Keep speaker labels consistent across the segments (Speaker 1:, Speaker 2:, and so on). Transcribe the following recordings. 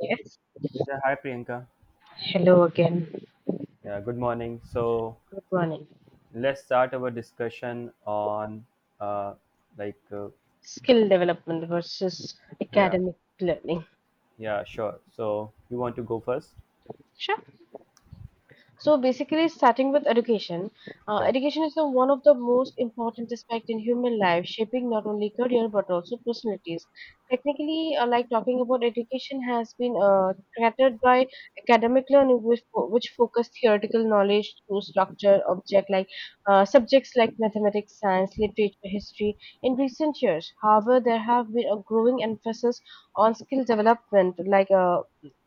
Speaker 1: Yes.
Speaker 2: Yeah, hi Priyanka.
Speaker 1: Hello again.
Speaker 2: Yeah, good morning. So
Speaker 1: Good morning.
Speaker 2: let's start our discussion on uh like uh,
Speaker 1: Skill development versus
Speaker 2: yeah,
Speaker 1: academic learning.
Speaker 2: yeah, sure. So you want to go first?
Speaker 1: Sure. So basically, starting with education,
Speaker 2: Yeah.
Speaker 1: education is one of the most important aspect in human life, shaping not only career but also personalities. Technically, like talking about education has been catered by academic learning, which, which focus theoretical knowledge to structure object like subjects like mathematics, science, literature, history. In recent years, however, there have been a growing emphasis on skill development, like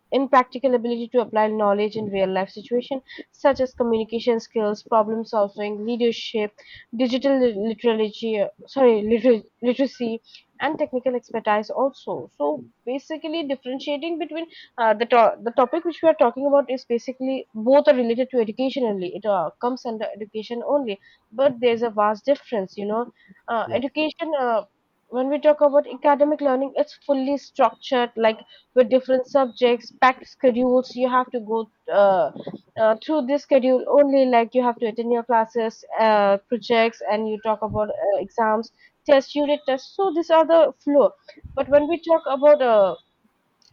Speaker 1: in-practical ability to apply knowledge in real-life situations, such as communication skills, problem-solving, leadership, digital literacy, sorry, literacy, and technical expertise also. So basically, differentiating between the topic which we are talking about is basically both are related to education only. It comes under education only, but there's a vast difference. You know,
Speaker 2: Yes.
Speaker 1: education. When we talk about academic learning, it's fully structured, like with different subjects, packed schedules. You have to go through this schedule only, like you have to attend your classes, projects, and you talk about exams, tests, unit tests. So these are the flow. But when we talk about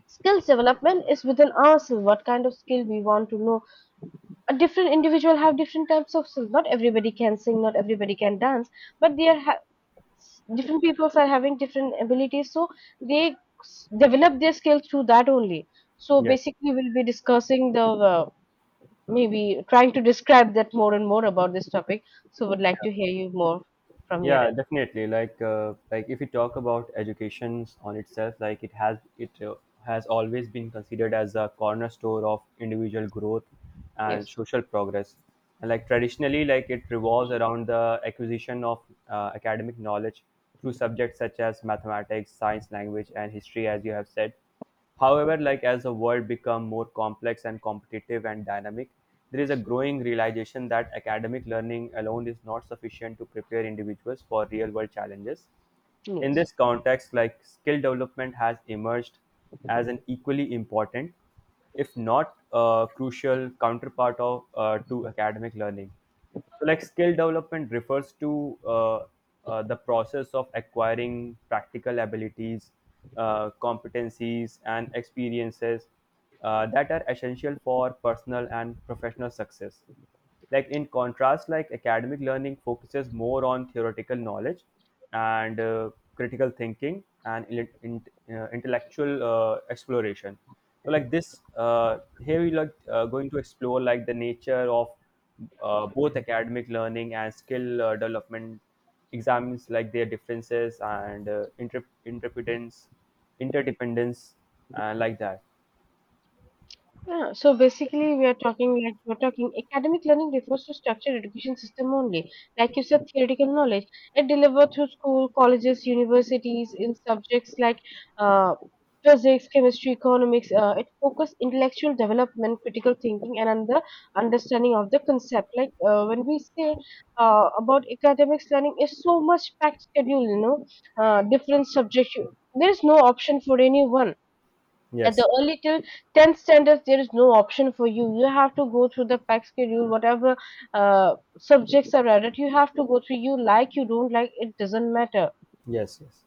Speaker 1: skills development, is within ourselves. What kind of skill we want to know? A different individual have different types of skills. Not everybody can sing. Not everybody can dance. But they are ha- different peoples are having different abilities, so they develop their skills through that only. So
Speaker 2: Yes.
Speaker 1: basically, we'll be discussing the uh, maybe trying to describe that more and more about this topic, so would like to hear you more from your
Speaker 2: Yeah
Speaker 1: end.
Speaker 2: Definitely, like if we talk about education on itself, like it has it has always been considered as a cornerstone of individual growth and
Speaker 1: Yes,
Speaker 2: social progress, and like traditionally, like it revolves around the acquisition of academic knowledge through subjects such as mathematics, science, language and history, as you have said. However, like as the world become more complex and competitive and dynamic, there is a growing realization that academic learning alone is not sufficient to prepare individuals for real world challenges. In this
Speaker 1: yes.
Speaker 2: context, like skill development has emerged as an equally important, if not crucial, counterpart of to academic learning. So, like skill development refers to the process of acquiring practical abilities, competencies, and experiences that are essential for personal and professional success. Like in contrast, like academic learning focuses more on theoretical knowledge, and critical thinking and intellectual exploration. So like this here we going to explore like the nature of both academic learning and skill development, examines like their differences and interdependence and like that.
Speaker 1: Yeah, so basically we are talking, like we are talking academic learning refers to structured education system only. Like you said, theoretical knowledge. It delivered through school, colleges, universities in subjects like uh, physics, chemistry, economics. It focused intellectual development, critical thinking, and understanding of the concept. Like when we say about academics learning, is so much packed schedule. You know, different subjects. There is no option for anyone at
Speaker 2: Yes.
Speaker 1: the early till 10th standards. There is no option for you. You have to go through the pack schedule, whatever subjects are added, you have to go through. You like, you don't like, it doesn't matter.
Speaker 2: Yes, yes.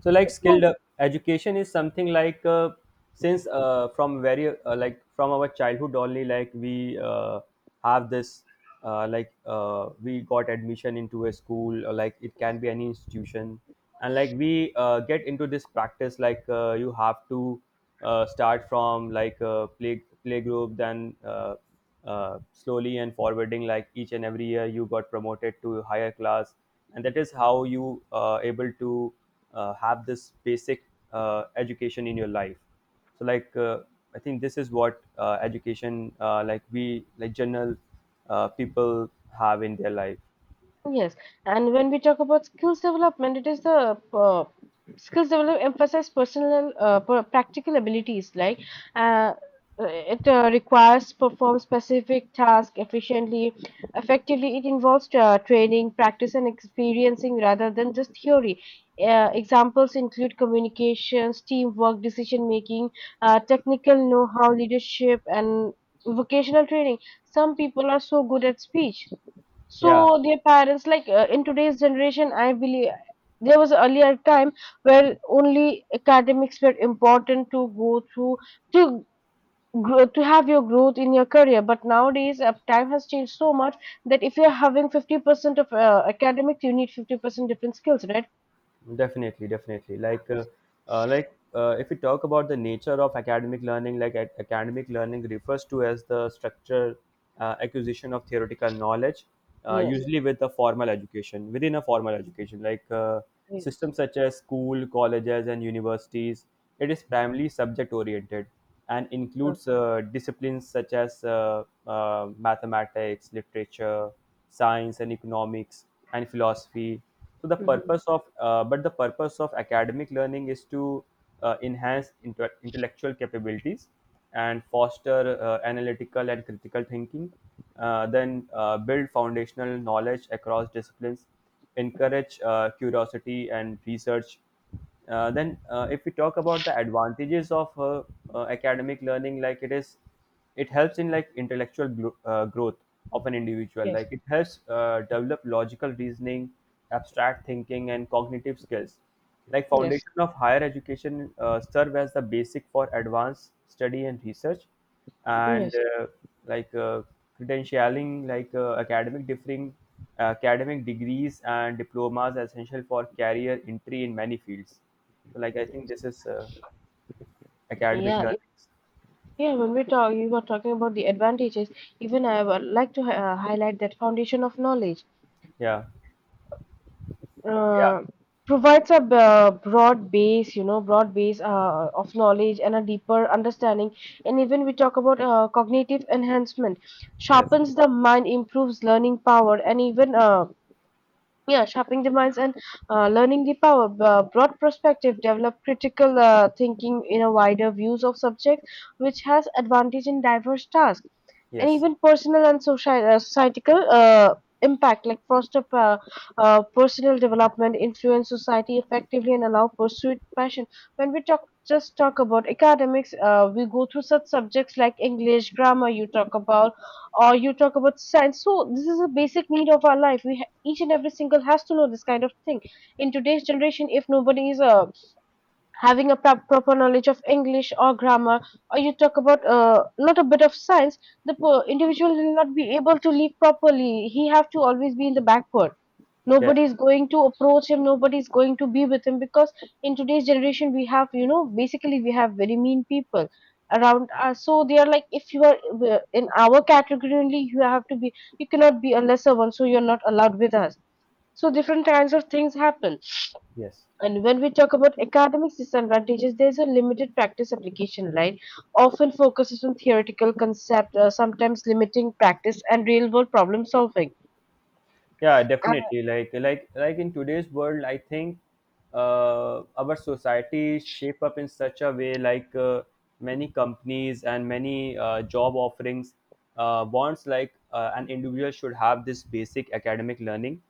Speaker 2: So like
Speaker 1: So
Speaker 2: skilled education is something like, since from very, like from our childhood only, like we have this like, we got admission into a school, or like it can be any institution, and like we get into this practice, like you have to start from like a playgroup, then slowly and forwarding, like each and every year you got promoted to a higher class, and that is how you able to have this basic education in your life. So I think this is what education, like we like general people have in their life.
Speaker 1: Yes, and when we talk about skills development, it is the skills development emphasize personal practical abilities, like uh, it requires perform specific tasks efficiently, effectively. It involves training, practice, and experiencing rather than just theory. Examples include communications, teamwork, decision making, technical know-how, leadership, and vocational training. Some people are so good at speech,
Speaker 2: Yeah.
Speaker 1: so their parents, like in today's generation, I believe there was earlier time where only academics were important to go through to grow, to have your growth in your career. But nowadays, time has changed so much that if you're having 50% of academics, you need 50% different skills, right?
Speaker 2: Definitely, definitely. Like, if we talk about the nature of academic learning, like academic learning refers to as the structure acquisition of theoretical knowledge,
Speaker 1: Yes.
Speaker 2: usually with a formal education, within a formal education, like,
Speaker 1: Yes.
Speaker 2: systems such as school, colleges, and universities. It is primarily subject oriented, and
Speaker 1: Yeah.
Speaker 2: includes disciplines such as mathematics, literature, science, and economics, and philosophy. So
Speaker 1: Mm-hmm.
Speaker 2: the purpose of academic learning is to enhance intellectual capabilities, and foster analytical and critical thinking, then build foundational knowledge across disciplines, encourage curiosity and research. Then, if we talk about the advantages of academic learning, like it helps in like intellectual growth of an individual.
Speaker 1: Yes.
Speaker 2: Like it helps develop logical reasoning, abstract thinking, and cognitive skills. Like
Speaker 1: Yes.
Speaker 2: foundation of higher education serve as the basic for advanced study and research, and
Speaker 1: Yes.
Speaker 2: like uh, credentialing, like academic degrees and diplomas are essential for career entry in many fields. So like I think this is academic
Speaker 1: Yeah.
Speaker 2: learnings.
Speaker 1: Yeah. You were talking about the advantages. Even I would like to highlight that foundation of knowledge
Speaker 2: Yeah. Yeah.
Speaker 1: uh, provides a b- broad base, you know, broad base of knowledge and a deeper understanding. And even we talk about cognitive enhancement,
Speaker 2: Yes.
Speaker 1: sharpens the mind, improves learning power, and even yeah, sharpening the minds and learning the power, broad perspective develop critical thinking in a wider views of subject, which has advantage in diverse tasks and
Speaker 2: Yes.
Speaker 1: even personal and social societal impact, like foster personal development, influence society effectively, and allow pursuit passion. When we talk just talk about academics, we go through such subjects like English grammar, you talk about, or you talk about science. So this is a basic need of our life. We, each and every single, has to know this kind of thing. In today's generation, if nobody is having a proper knowledge of English or grammar, or you talk about a lot of bit of science, the individual will not be able to live properly. He have to always be in the backward.
Speaker 2: Yes.
Speaker 1: Nobody is going to approach him. Nobody is going to be with him, because in today's generation we have, basically we have very mean people around us. So they are like, if you are in our category only, you have to be. You cannot be a lesser one, so you're not allowed with us. So different kinds of things happen.
Speaker 2: Yes.
Speaker 1: And when we talk about academic disadvantages, there's a limited practice application line, often focuses on theoretical concept, sometimes limiting practice and real world problem solving.
Speaker 2: Yeah Definitely, like in today's world, I think our society is shaped up in such a way, like, many companies and many job offerings wants like, an individual should have this basic academic learning,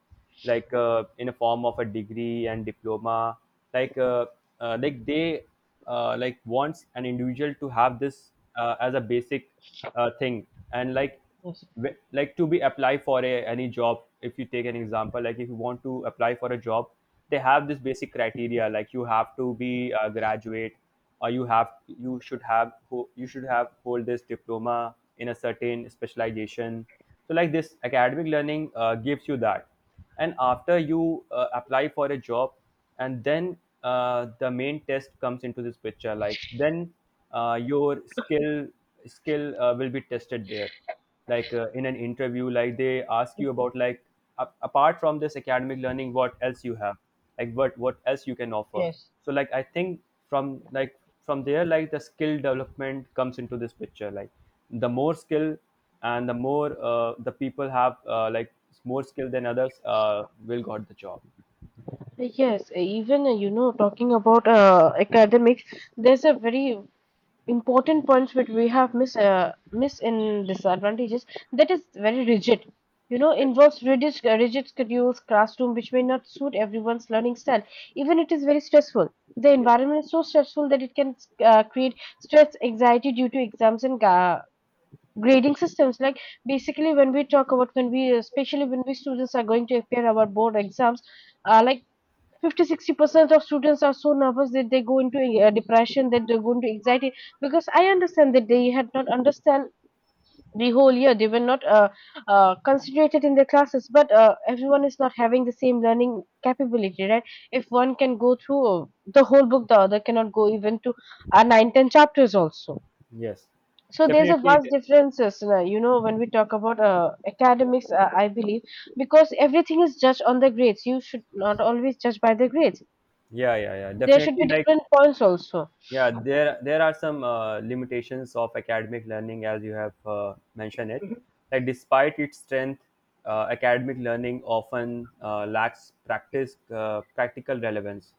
Speaker 2: like in a form of a degree and diploma, like uh, like they wants an individual to have this as a basic thing. And like
Speaker 1: Yes.
Speaker 2: like to be apply for a any job, if you take an example, like if you want to apply for a job, they have this basic criteria, like you have to be a graduate, or you have you should have you should have hold this diploma in a certain specialization. So like this academic learning gives you that, and after you apply for a job, and then the main test comes into this picture, like then your skill skill will be tested there, like in an interview, like they ask you about like apart from this academic learning, what else you have, like what else you can offer.
Speaker 1: Yes.
Speaker 2: So like I think, from there, like the skill development comes into this picture, like the more skill and the more the people have, more skill than others, will got the job.
Speaker 1: Yes, even talking about academics, there's a very important points which we have miss in disadvantages, that is very rigid. You know,
Speaker 2: Yes.
Speaker 1: involves rigid schedules classroom which may not suit everyone's learning style. Even it is very stressful. The
Speaker 2: Yes.
Speaker 1: environment is so stressful that it can create stress anxiety due to exams and grading systems. Like basically, when we talk about, when we especially when we students are going to appear our board exams, like 50 60% of students are so nervous that they go into depression, that they go into anxiety, because I understand that they had not understand the whole year. They were not concentrated in their classes, but everyone is not having the same learning capability, right? If one can go through the whole book, the other cannot go even to 9, 10 chapters also.
Speaker 2: Yes.
Speaker 1: So there's a
Speaker 2: Definitely.
Speaker 1: vast
Speaker 2: Yeah.
Speaker 1: differences, when we talk about academics, I believe, because everything is judged on the grades. You should not always judge by the grades.
Speaker 2: Yeah. Yeah. Yeah.
Speaker 1: There should be
Speaker 2: Definitely, like
Speaker 1: different points also.
Speaker 2: yeah, there are some limitations of academic learning, as you have mentioned it. Like despite its strength, academic learning often lacks practice practical relevance,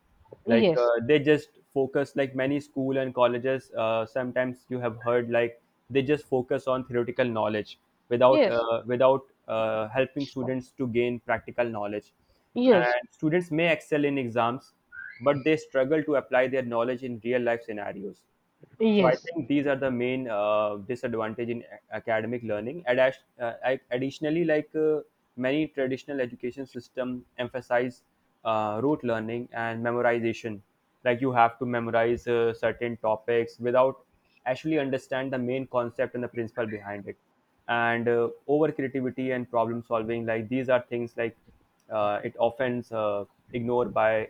Speaker 2: like
Speaker 1: Yes,
Speaker 2: uh, they just focus, like many school and colleges, sometimes you have heard like they just focus on theoretical knowledge without
Speaker 1: yes,
Speaker 2: helping students to gain practical knowledge,
Speaker 1: yes,
Speaker 2: and students may excel in exams, but they struggle to apply their knowledge in real life scenarios. So I
Speaker 1: yes.
Speaker 2: think these are the main disadvantage in academic learning, and additionally, like, many traditional education system emphasize rote learning and memorization, like you have to memorize certain topics without actually understand the main concept and the principle behind it. And over creativity and problem solving, like these are things like it often ignored by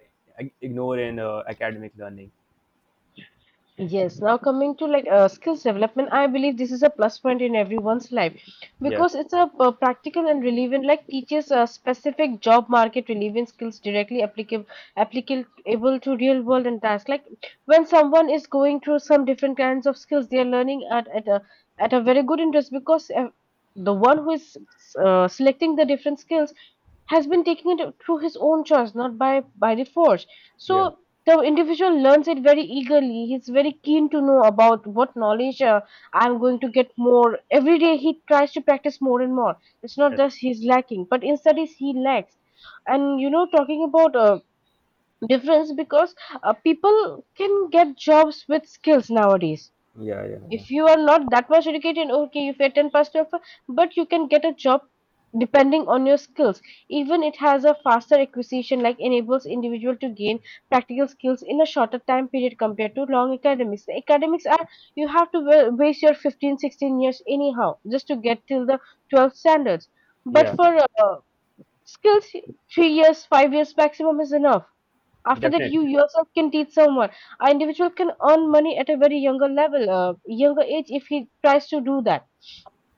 Speaker 2: ignored in academic learning.
Speaker 1: Yes, now coming to like skills development, I believe this is a plus point in everyone's life,
Speaker 2: Yeah,
Speaker 1: because it's a practical and relevant, like teaches a specific job market relevant skills directly applicable to real world and tasks. Like when someone is going through some different kinds of skills, they are learning at a very good interest, because the one who is selecting the different skills has been taking it through his own choice, not by the force.
Speaker 2: yeah,
Speaker 1: So the individual learns it very eagerly. He's very keen to know about what knowledge I'm going to get more. Every day he tries to practice more and more. It's not
Speaker 2: yes,
Speaker 1: just he's lacking, but in studies he lacks. And talking about difference, because people can get jobs with skills nowadays.
Speaker 2: yeah, yeah, yeah,
Speaker 1: If you are not that much educated, okay, if you are 10% of, but you can get a job depending on your skills. Even it has a faster acquisition, like enables individual to gain practical skills in a shorter time period compared to long academics. The academics are, you have to waste your 15, 16 years anyhow just to get till the 12th standards. But
Speaker 2: yeah.
Speaker 1: for uh, skills, 3 years 5 years maximum is enough. After that you
Speaker 2: Definitely.
Speaker 1: yourself can teach someone. An individual can earn money at a very younger level, younger age, if he tries to do that.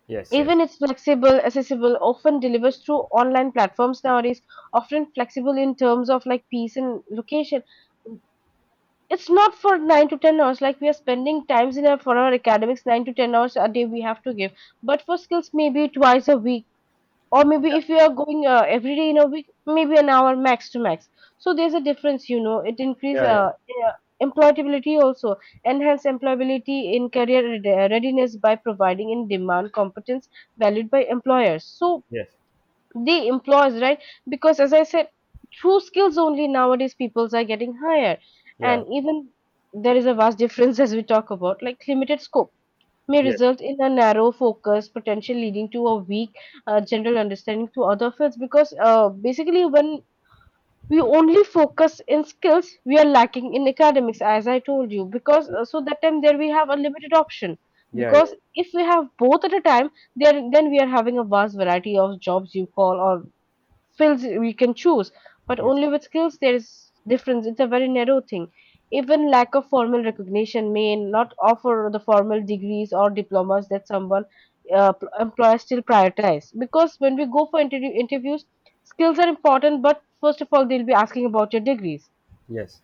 Speaker 2: Yes,
Speaker 1: Even
Speaker 2: yes.
Speaker 1: it's flexible accessible, often delivers through online platforms nowadays, often flexible in terms of like peace and location. It's not for 9 to 10 hours, like we are spending times in our, for our academics, 9 to 10 hours a day we have to give. But for skills, maybe twice a week, or maybe
Speaker 2: Yeah,
Speaker 1: if you are going every day in a week, maybe an hour max to max. So there's a difference, it increase
Speaker 2: yeah, yeah.
Speaker 1: uh, employability also. Enhance employability in career readiness by providing in demand competence valued by employers. So
Speaker 2: Yes,
Speaker 1: the employers, right? Because as I said, through skills only, nowadays peoples are getting hired.
Speaker 2: yeah,
Speaker 1: And even there is a vast difference. As we talk about, like, limited scope may
Speaker 2: yes,
Speaker 1: result in a narrow focus potential leading to a weak general understanding to other fields, because basically when we only focus in skills, we are lacking in academics, as I told you, because
Speaker 2: yes.
Speaker 1: so that time there we have a limited option,
Speaker 2: Yeah, yeah,
Speaker 1: because if we have both at a time there, then we are having a vast variety of jobs you call, or skills we can choose. But
Speaker 2: yes,
Speaker 1: only with skills, there is difference. It's a very narrow thing. Even lack of formal recognition, may not offer the formal degrees or diplomas that someone employers still prioritize, because when we go for interviews, skills are important. But first of all, they'll be asking about your degrees.
Speaker 2: yes.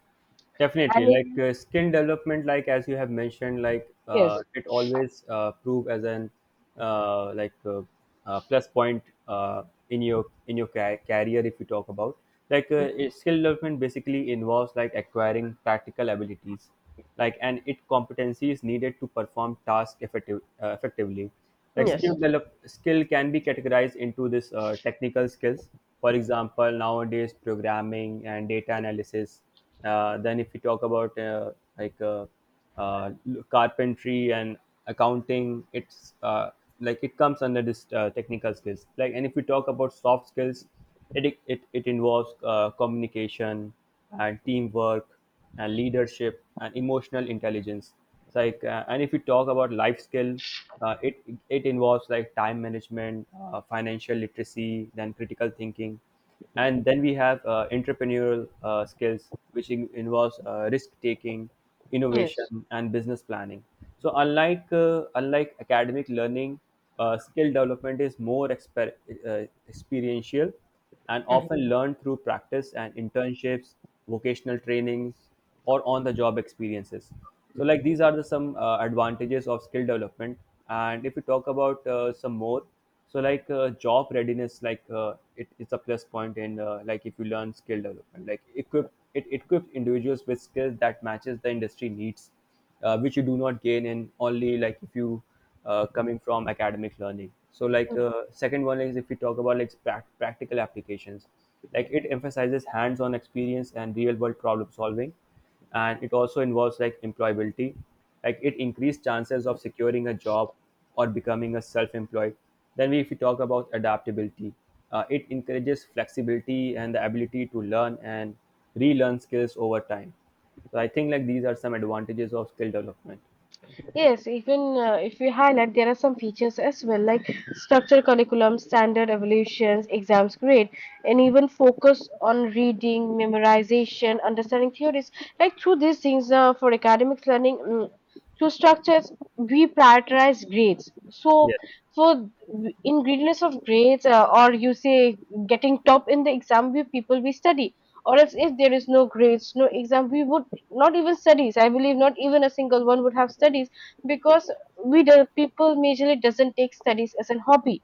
Speaker 2: Definitely,
Speaker 1: And if
Speaker 2: like, skin development, like as you have mentioned, like
Speaker 1: yes
Speaker 2: it always prove as an uh, like uh, plus point in your career, if you talk about. Like skill development basically involves like acquiring practical abilities like and it competency is needed to perform task effectively. Like
Speaker 1: Yes,
Speaker 2: skill can be categorized into this technical skills, for example nowadays programming and data analysis. Then if you talk about like uh, uh, carpentry and accounting, it's like it comes under this technical skills. Like and if we talk about soft skills, it involves communication and teamwork and leadership and emotional intelligence. It's like, and if we talk about life skill, uh, it it involves like time management, financial literacy, then critical thinking, and then we have entrepreneurial skills which involves risk taking,
Speaker 1: yes,
Speaker 2: innovation and business planning. So unlike academic learning, skill development is more experiential, and often learned through practice and internships, vocational trainings, or on the job experiences. So like these are the some advantages of skill development. And if we talk about some more, so like job readiness, like it's a plus point in like if you learn skill development, like equip it equips individuals with skills that matches the industry needs, which you do not gain in only like if you coming from academic learning. So like, second one is if we talk about like practical applications, like it emphasizes hands-on experience and real world problem solving, and it also involves like employability, like it increased chances of securing a job or becoming a self-employed. Then if we talk about adaptability, it encourages flexibility and the ability to learn and relearn skills over time. So I think like these are some advantages of skill development.
Speaker 1: yes, even if we highlight, there are some features as well, like structured curriculum, standard evaluations, exams grade, and even focus on reading, memorization, understanding theories. Like through these things, for academic learning, through structures, we prioritize grades. So,
Speaker 2: Yes.
Speaker 1: for in greediness of grades, or you say getting top in the exam, we people we study. Or else, if there is no grades, no exam, we would not even studies. I believe not even a single one would have studies, because we the people majorly doesn't take studies as a hobby,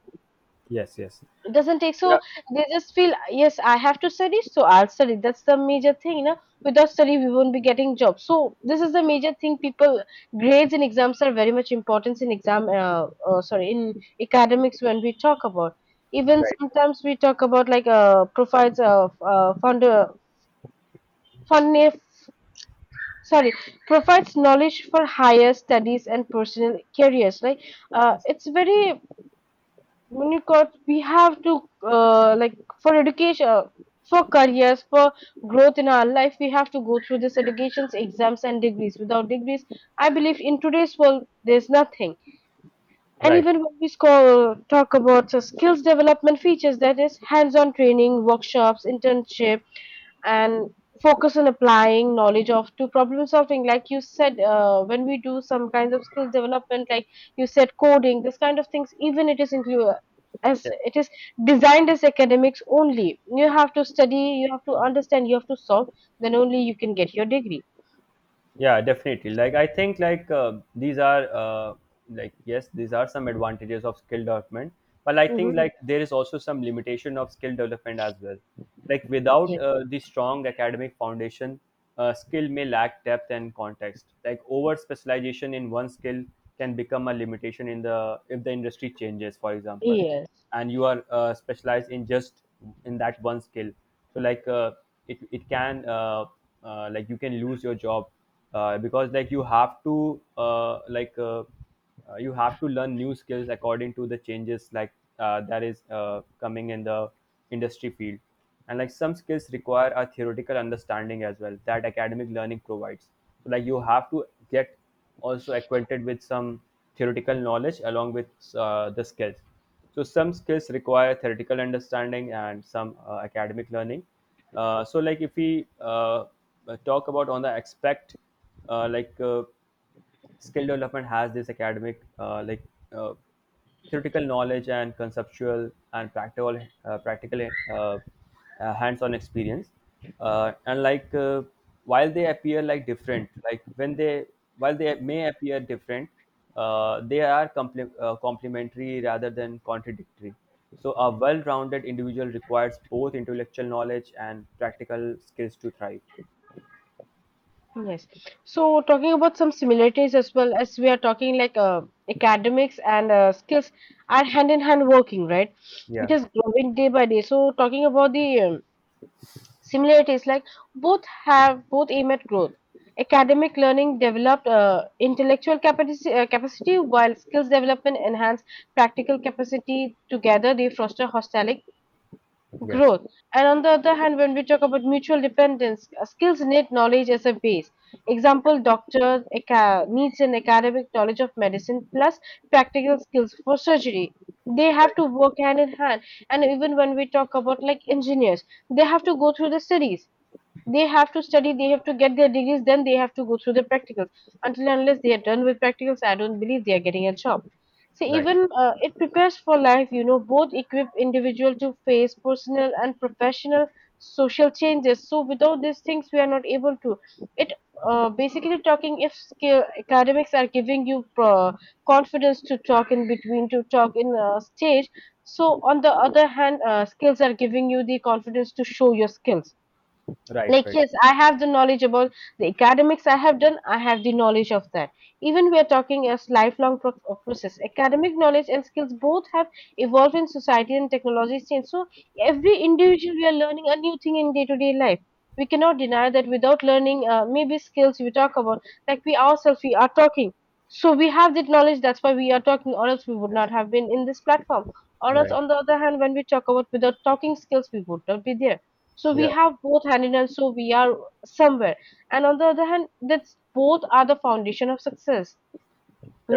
Speaker 2: Yes. Yes.
Speaker 1: doesn't take,
Speaker 2: Yeah.
Speaker 1: so they just feel yes I have to study, so I'll study. That's the major thing. Without study we won't be getting jobs, so this is the major thing. People, grades and exams are very much important in exam, sorry, in academics, when we talk about, even
Speaker 2: Right.
Speaker 1: sometimes we talk about like provides of founder fund, sorry, provides knowledge for higher studies and personal careers, like it's very Unicode. We have to, like for education, for careers, for growth in our life, we have to go through this educations, exams, and degrees. Without degrees, I believe in today's world, there's nothing. And
Speaker 2: Right.
Speaker 1: even when we talk about the skills development features, that is hands-on training, workshops, internship, and focus on applying knowledge of to problem solving. Like you said, when we do some kinds of skills development, like you said, coding, this kind of things, even it is included as
Speaker 2: Yes.
Speaker 1: it is designed as academics only. You have to study, you have to understand, you have to solve. Then only you can get your degree.
Speaker 2: Yeah Definitely, like I think like these are yes, these are some advantages of skill development, but I think
Speaker 1: Hmm.
Speaker 2: like there is also some limitation of skill development as well. Like without
Speaker 1: Yes.
Speaker 2: the strong academic foundation, skill may lack depth and context, like over specialization in one skill can become a limitation in the if the industry changes, for example,
Speaker 1: Yes.
Speaker 2: and you are specialized in just in that one skill. So like it can you can lose your job because like you have to you have to learn new skills according to the changes, like that is coming in the industry field. And like some skills require a theoretical understanding as well that academic learning provides. So like you have to get also acquainted with some theoretical knowledge along with the skills. So some skills require theoretical understanding and some academic learning. So like if we talk about on the aspect, uh, like uh, skill development has this academic uh, theoretical knowledge and conceptual and practical hands-on experience and while they appear like different like when they while they may appear different, they are complementary rather than contradictory. So a well-rounded individual requires both intellectual knowledge and practical skills to thrive.
Speaker 1: Yes. So talking about some similarities, as well as we are talking, like academics and skills are hand in hand working, right? It
Speaker 2: Yeah,
Speaker 1: is growing day by day. So talking about the similarities, like both aim at growth. Academic learning developed intellectual capacity, while skills development enhance practical capacity. Together, they foster holistic
Speaker 2: yes,
Speaker 1: growth. And on the other hand, when we talk about mutual dependence, skills need knowledge as a base.
Speaker 2: yeah,
Speaker 1: Example, doctor needs an academic knowledge of medicine plus practical skills for surgery. They have
Speaker 2: right,
Speaker 1: to work hand in hand. And even when we talk about like engineers, they have to go through the studies. They have to study, they have to get their degrees, then they have to go through the practicals. Until and unless they are done with practicals, I don't believe they are getting a job. See,
Speaker 2: right,
Speaker 1: even it prepares for life, both equip individual to face personal and professional social changes. So without these things, we are not able to. It, basically talking, if skill, academics are giving you confidence to talk in between, to talk in stage. So on the other hand, skills are giving you the confidence to show your skills,
Speaker 2: right,
Speaker 1: like
Speaker 2: right,
Speaker 1: yes I have the knowledge about the academics, I have done, I have the knowledge of that. Even we are talking as lifelong process. Academic knowledge and skills both have evolved in society and technology change, so every individual, we are learning a new thing in day to day life. We cannot deny that, without learning maybe skills we talk about, like we ourselves, we are talking, so we have that knowledge, that's why we are talking, or else we would
Speaker 2: yes,
Speaker 1: not have been in this platform. Or else
Speaker 2: right,
Speaker 1: on the other hand, when we talk about without talking skills we would not be there, so we
Speaker 2: yeah,
Speaker 1: have both hand in hand, so we are somewhere, and on the other hand that's both are the foundation of success,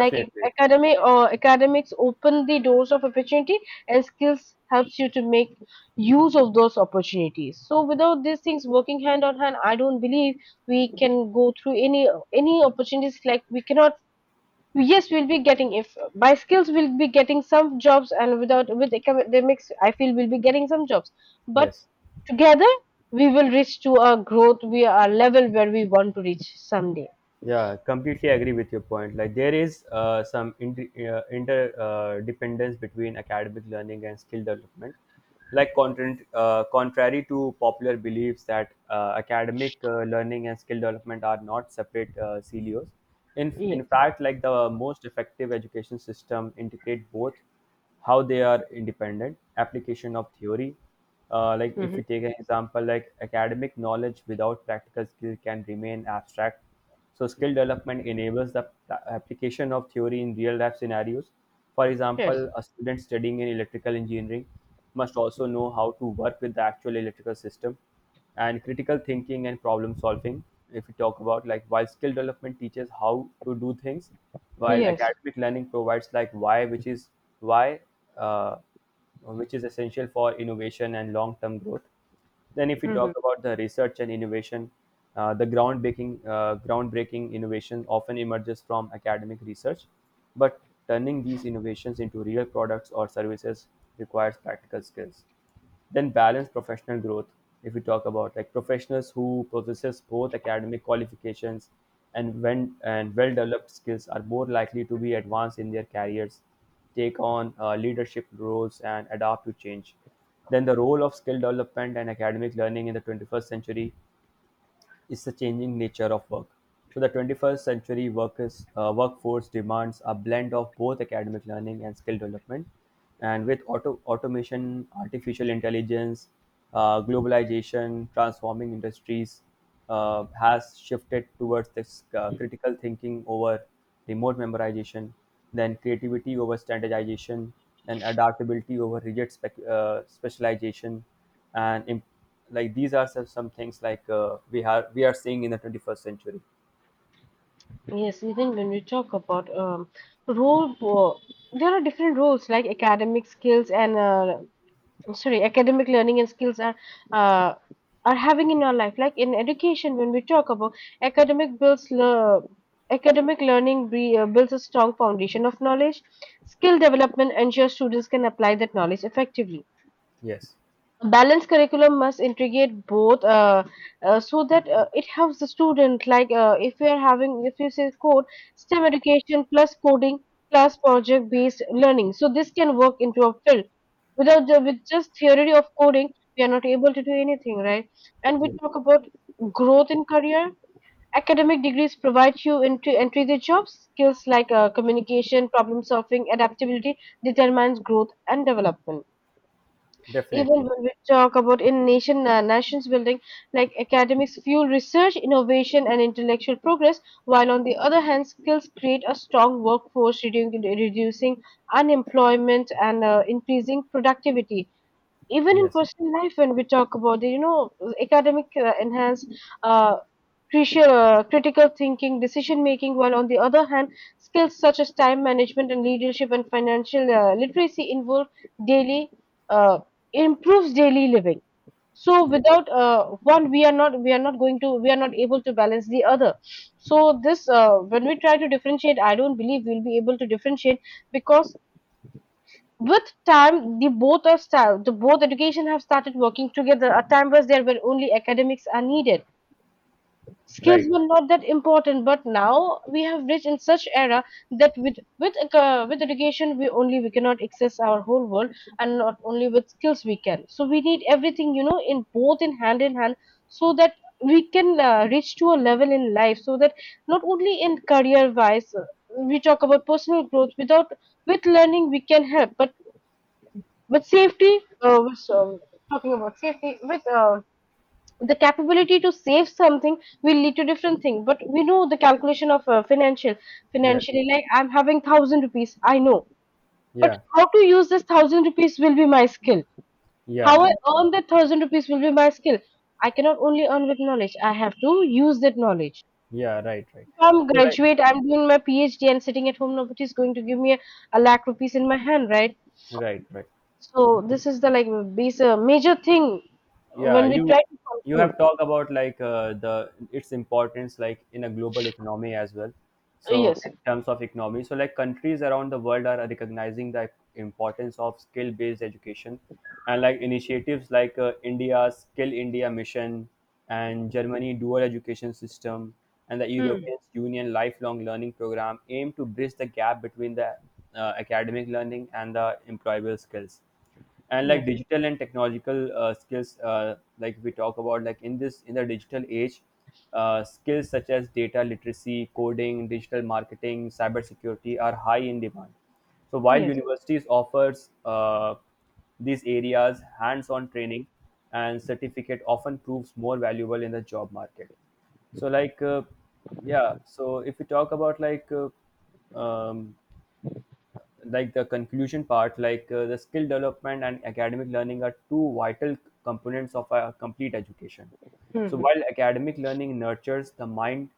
Speaker 1: like academy or academics open the doors of opportunity, and skills helps you to make use of those opportunities. So without these things working hand on hand, I don't believe we can go through any opportunities. Like, we cannot. Yes, we'll be getting, if by skills we'll be getting some jobs, and without, with academics I feel we'll be getting some jobs, but
Speaker 2: Yes.
Speaker 1: together, we will reach to a growth, we are level where we want to reach someday.
Speaker 2: Yeah, completely agree with your point. Like there is some inter- inter dependence between academic learning and skill development. Like contrary to popular beliefs that academic learning and skill development are not separate silos. In
Speaker 1: Yes.
Speaker 2: fact, like the most effective education system integrate both, how they are independent application of theory. Like if we
Speaker 1: Mm-hmm.
Speaker 2: take an example, like academic knowledge without practical skill can remain abstract, so skill development enables the application of theory in real life scenarios. For
Speaker 1: Yes.
Speaker 2: example, a student studying in electrical engineering must also know how to work with the actual electrical system, and critical thinking and problem solving. If we talk about, like, while skill development teaches how to do things, while
Speaker 1: Yes.
Speaker 2: academic learning provides like why, uh, which is essential for innovation and long term growth. Then, if we
Speaker 1: Mm-hmm.
Speaker 2: talk about the research and innovation, the groundbreaking innovation often emerges from academic research, but turning these innovations into real products or services requires practical skills. Then, balance professional growth. If we talk about like professionals who possesses both academic qualifications and when and well developed skills are more likely to be advanced in their careers, take on leadership roles and adapt to change. Then the role of skill development and academic learning in the 21st century is the changing nature of work. So the 21st century workers, workforce demands a blend of both academic learning and skill development. And with automation, artificial intelligence, globalization, transforming industries has shifted towards this critical thinking over remote memorization, then creativity over standardization, and adaptability over rigid specialization, and im- like these are some things like we are seeing in the 21st century.
Speaker 1: Yes, even when we talk about role, there are different roles, like academic skills and, sorry, academic learning and skills are, uh, are having in our life. Like in education, when we talk about academic builds le academic learning builds a strong foundation of knowledge. Skill development ensures students can apply that knowledge effectively.
Speaker 2: Yes.
Speaker 1: A balanced curriculum must integrate both, so that it helps the student, like if we are having, if you say code, STEM education plus coding plus project based learning, so this can work into a field. Without the, with just theory of coding, we are not able to do anything, right? And we
Speaker 2: Yes.
Speaker 1: talk about growth in career. Academic degrees provide you into entry the job. Skills like communication, problem solving, adaptability determines growth and development. Even
Speaker 2: Definitely.
Speaker 1: when we talk about in nation, nations building, like academics fuel research, innovation and intellectual progress, while on the other hand skills create a strong workforce, reducing unemployment and increasing productivity. Even in
Speaker 2: Yes.
Speaker 1: personal life, when we talk about the academic, enhance, uh, crucial, critical thinking, decision making, while on the other hand skills such as time management and leadership and financial literacy involve daily, uh, improves daily living. So
Speaker 2: Yeah.
Speaker 1: without one, we are not going to, we are not able to balance the other. So this, when we try to differentiate, I don't believe we'll be able to differentiate, because with time the both are style, the both education have started working together. At time was there where only academics are needed. Skills
Speaker 2: Right.
Speaker 1: were not that important, but now we have reached in such era that with education we only, we cannot access our whole world, and not only with skills we can. So we need everything in both, in hand, so that we can reach to a level in life. So that not only in career wise, we talk about personal growth. Without, with learning we can help, but with safety, with, talking about safety with the capability to save something will lead to different thing, but we know the calculation of
Speaker 2: Yes.
Speaker 1: financially, like I'm having 1,000 rupees I know, but
Speaker 2: Yeah.
Speaker 1: how to use this 1,000 rupees will be my skill, how
Speaker 2: Yeah.
Speaker 1: I
Speaker 2: Right.
Speaker 1: earn that 1,000 rupees will be my skill. I cannot only earn with knowledge, I have to use that knowledge.
Speaker 2: Yeah. Right. Right.
Speaker 1: If I'm
Speaker 2: So, right.
Speaker 1: graduate, I'm doing my PhD and sitting at home, nobody is going to give me a lakh rupees in my hand, right?
Speaker 2: Right. Right.
Speaker 1: So this is the, like, base, major thing
Speaker 2: yeah
Speaker 1: when we try
Speaker 2: you
Speaker 1: to
Speaker 2: you
Speaker 1: conclude.
Speaker 2: have talked about like the its importance like in a global economy as well. So
Speaker 1: Yes.
Speaker 2: in terms of economy, so like countries around the world are recognizing the importance of skill based education, and like initiatives like India's Skill India Mission and Germany dual education system and the
Speaker 1: Hmm.
Speaker 2: European Union Lifelong Learning Program aim to bridge the gap between the academic learning and the employable skills. And like
Speaker 1: Yes.
Speaker 2: digital and technological skills, like we talk about like in the digital age, skills such as data literacy, coding, digital marketing, cybersecurity are high in demand. So while
Speaker 1: Yes.
Speaker 2: universities offers these areas hands-on training and certificate often proves more valuable in the job market. so like uh, if we talk about um, like the conclusion part, like the skill development and academic learning are two vital components of a complete education. So
Speaker 1: Mhm.
Speaker 2: while academic learning nurtures the mind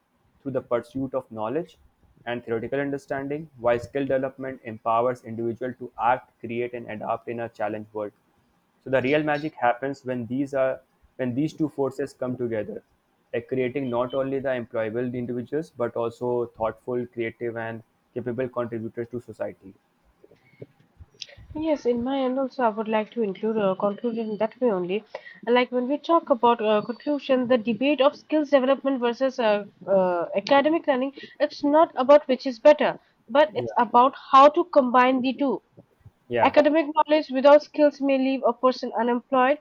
Speaker 2: through the pursuit of knowledge and theoretical understanding, while skill development empowers individual to act, create, and adapt in a challenge world. So the real magic happens when these two forces come together, like creating not only the employable individuals but also thoughtful, creative, and capable contributors to society.
Speaker 1: Yes, in my end also, I would like to include a conclusion in that way only. Like when we talk about conclusion, the debate of skills development versus academic learning, it's not about which is better, but it's
Speaker 2: Yeah,
Speaker 1: about how to combine the two.
Speaker 2: yeah,
Speaker 1: Academic knowledge without skills may leave a person unemployed,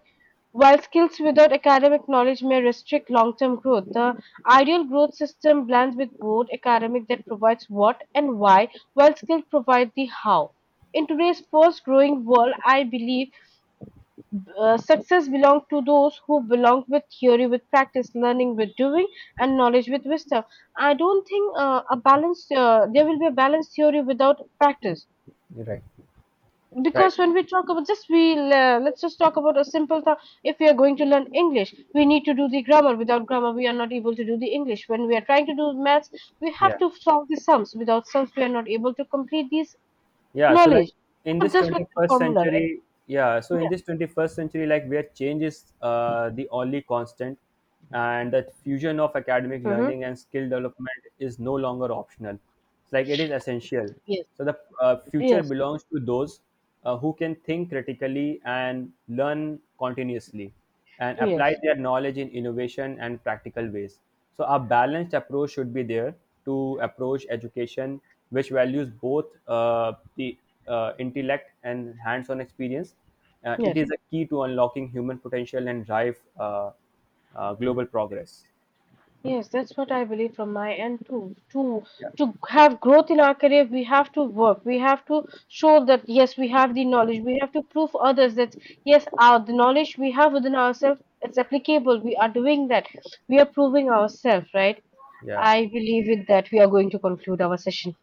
Speaker 1: while skills without academic knowledge may restrict long term growth. The ideal growth system blends with both, academic that provides what and why, while skills provide the how. In today's fast growing world, I believe success belongs to those who belong with theory, with practice, learning with doing, and knowledge with wisdom. I don't think, a balanced, there will be a balanced theory without practice,
Speaker 2: you're right. Right.
Speaker 1: because when we talk about just, let's just talk about a simple thought. If we are going to learn English we need to do the grammar, without grammar we are not able to do the English. When we are trying to do maths, we have
Speaker 2: Yeah.
Speaker 1: to solve the sums, without sums we are not able to complete these.
Speaker 2: Yeah. So like
Speaker 1: Knowledge,
Speaker 2: in
Speaker 1: not
Speaker 2: this
Speaker 1: just with the
Speaker 2: 21st
Speaker 1: formula, right?
Speaker 2: century, yeah. So in this 21st century, like where change is the only constant, and the fusion of academic
Speaker 1: Yeah. Mm-hmm.
Speaker 2: learning and skill development is no longer optional. It's like it is essential.
Speaker 1: Yes.
Speaker 2: So the future
Speaker 1: Yes.
Speaker 2: belongs to those who can think critically and learn continuously and apply
Speaker 1: Yes.
Speaker 2: their knowledge in innovation and practical ways. So, a balanced approach should be there to approach education, which values both the intellect and hands on experience. It
Speaker 1: Yes.
Speaker 2: is a key to unlocking human potential and drive global progress.
Speaker 1: Yes, that's what I believe from my end too. To have growth in our career, we have to work. We have to show that yes, we have the knowledge. We have to prove others that yes, our the knowledge we have within ourselves it's applicable. We are doing that. We are proving ourselves, right?
Speaker 2: Yeah.
Speaker 1: I believe with that we are going to conclude our session.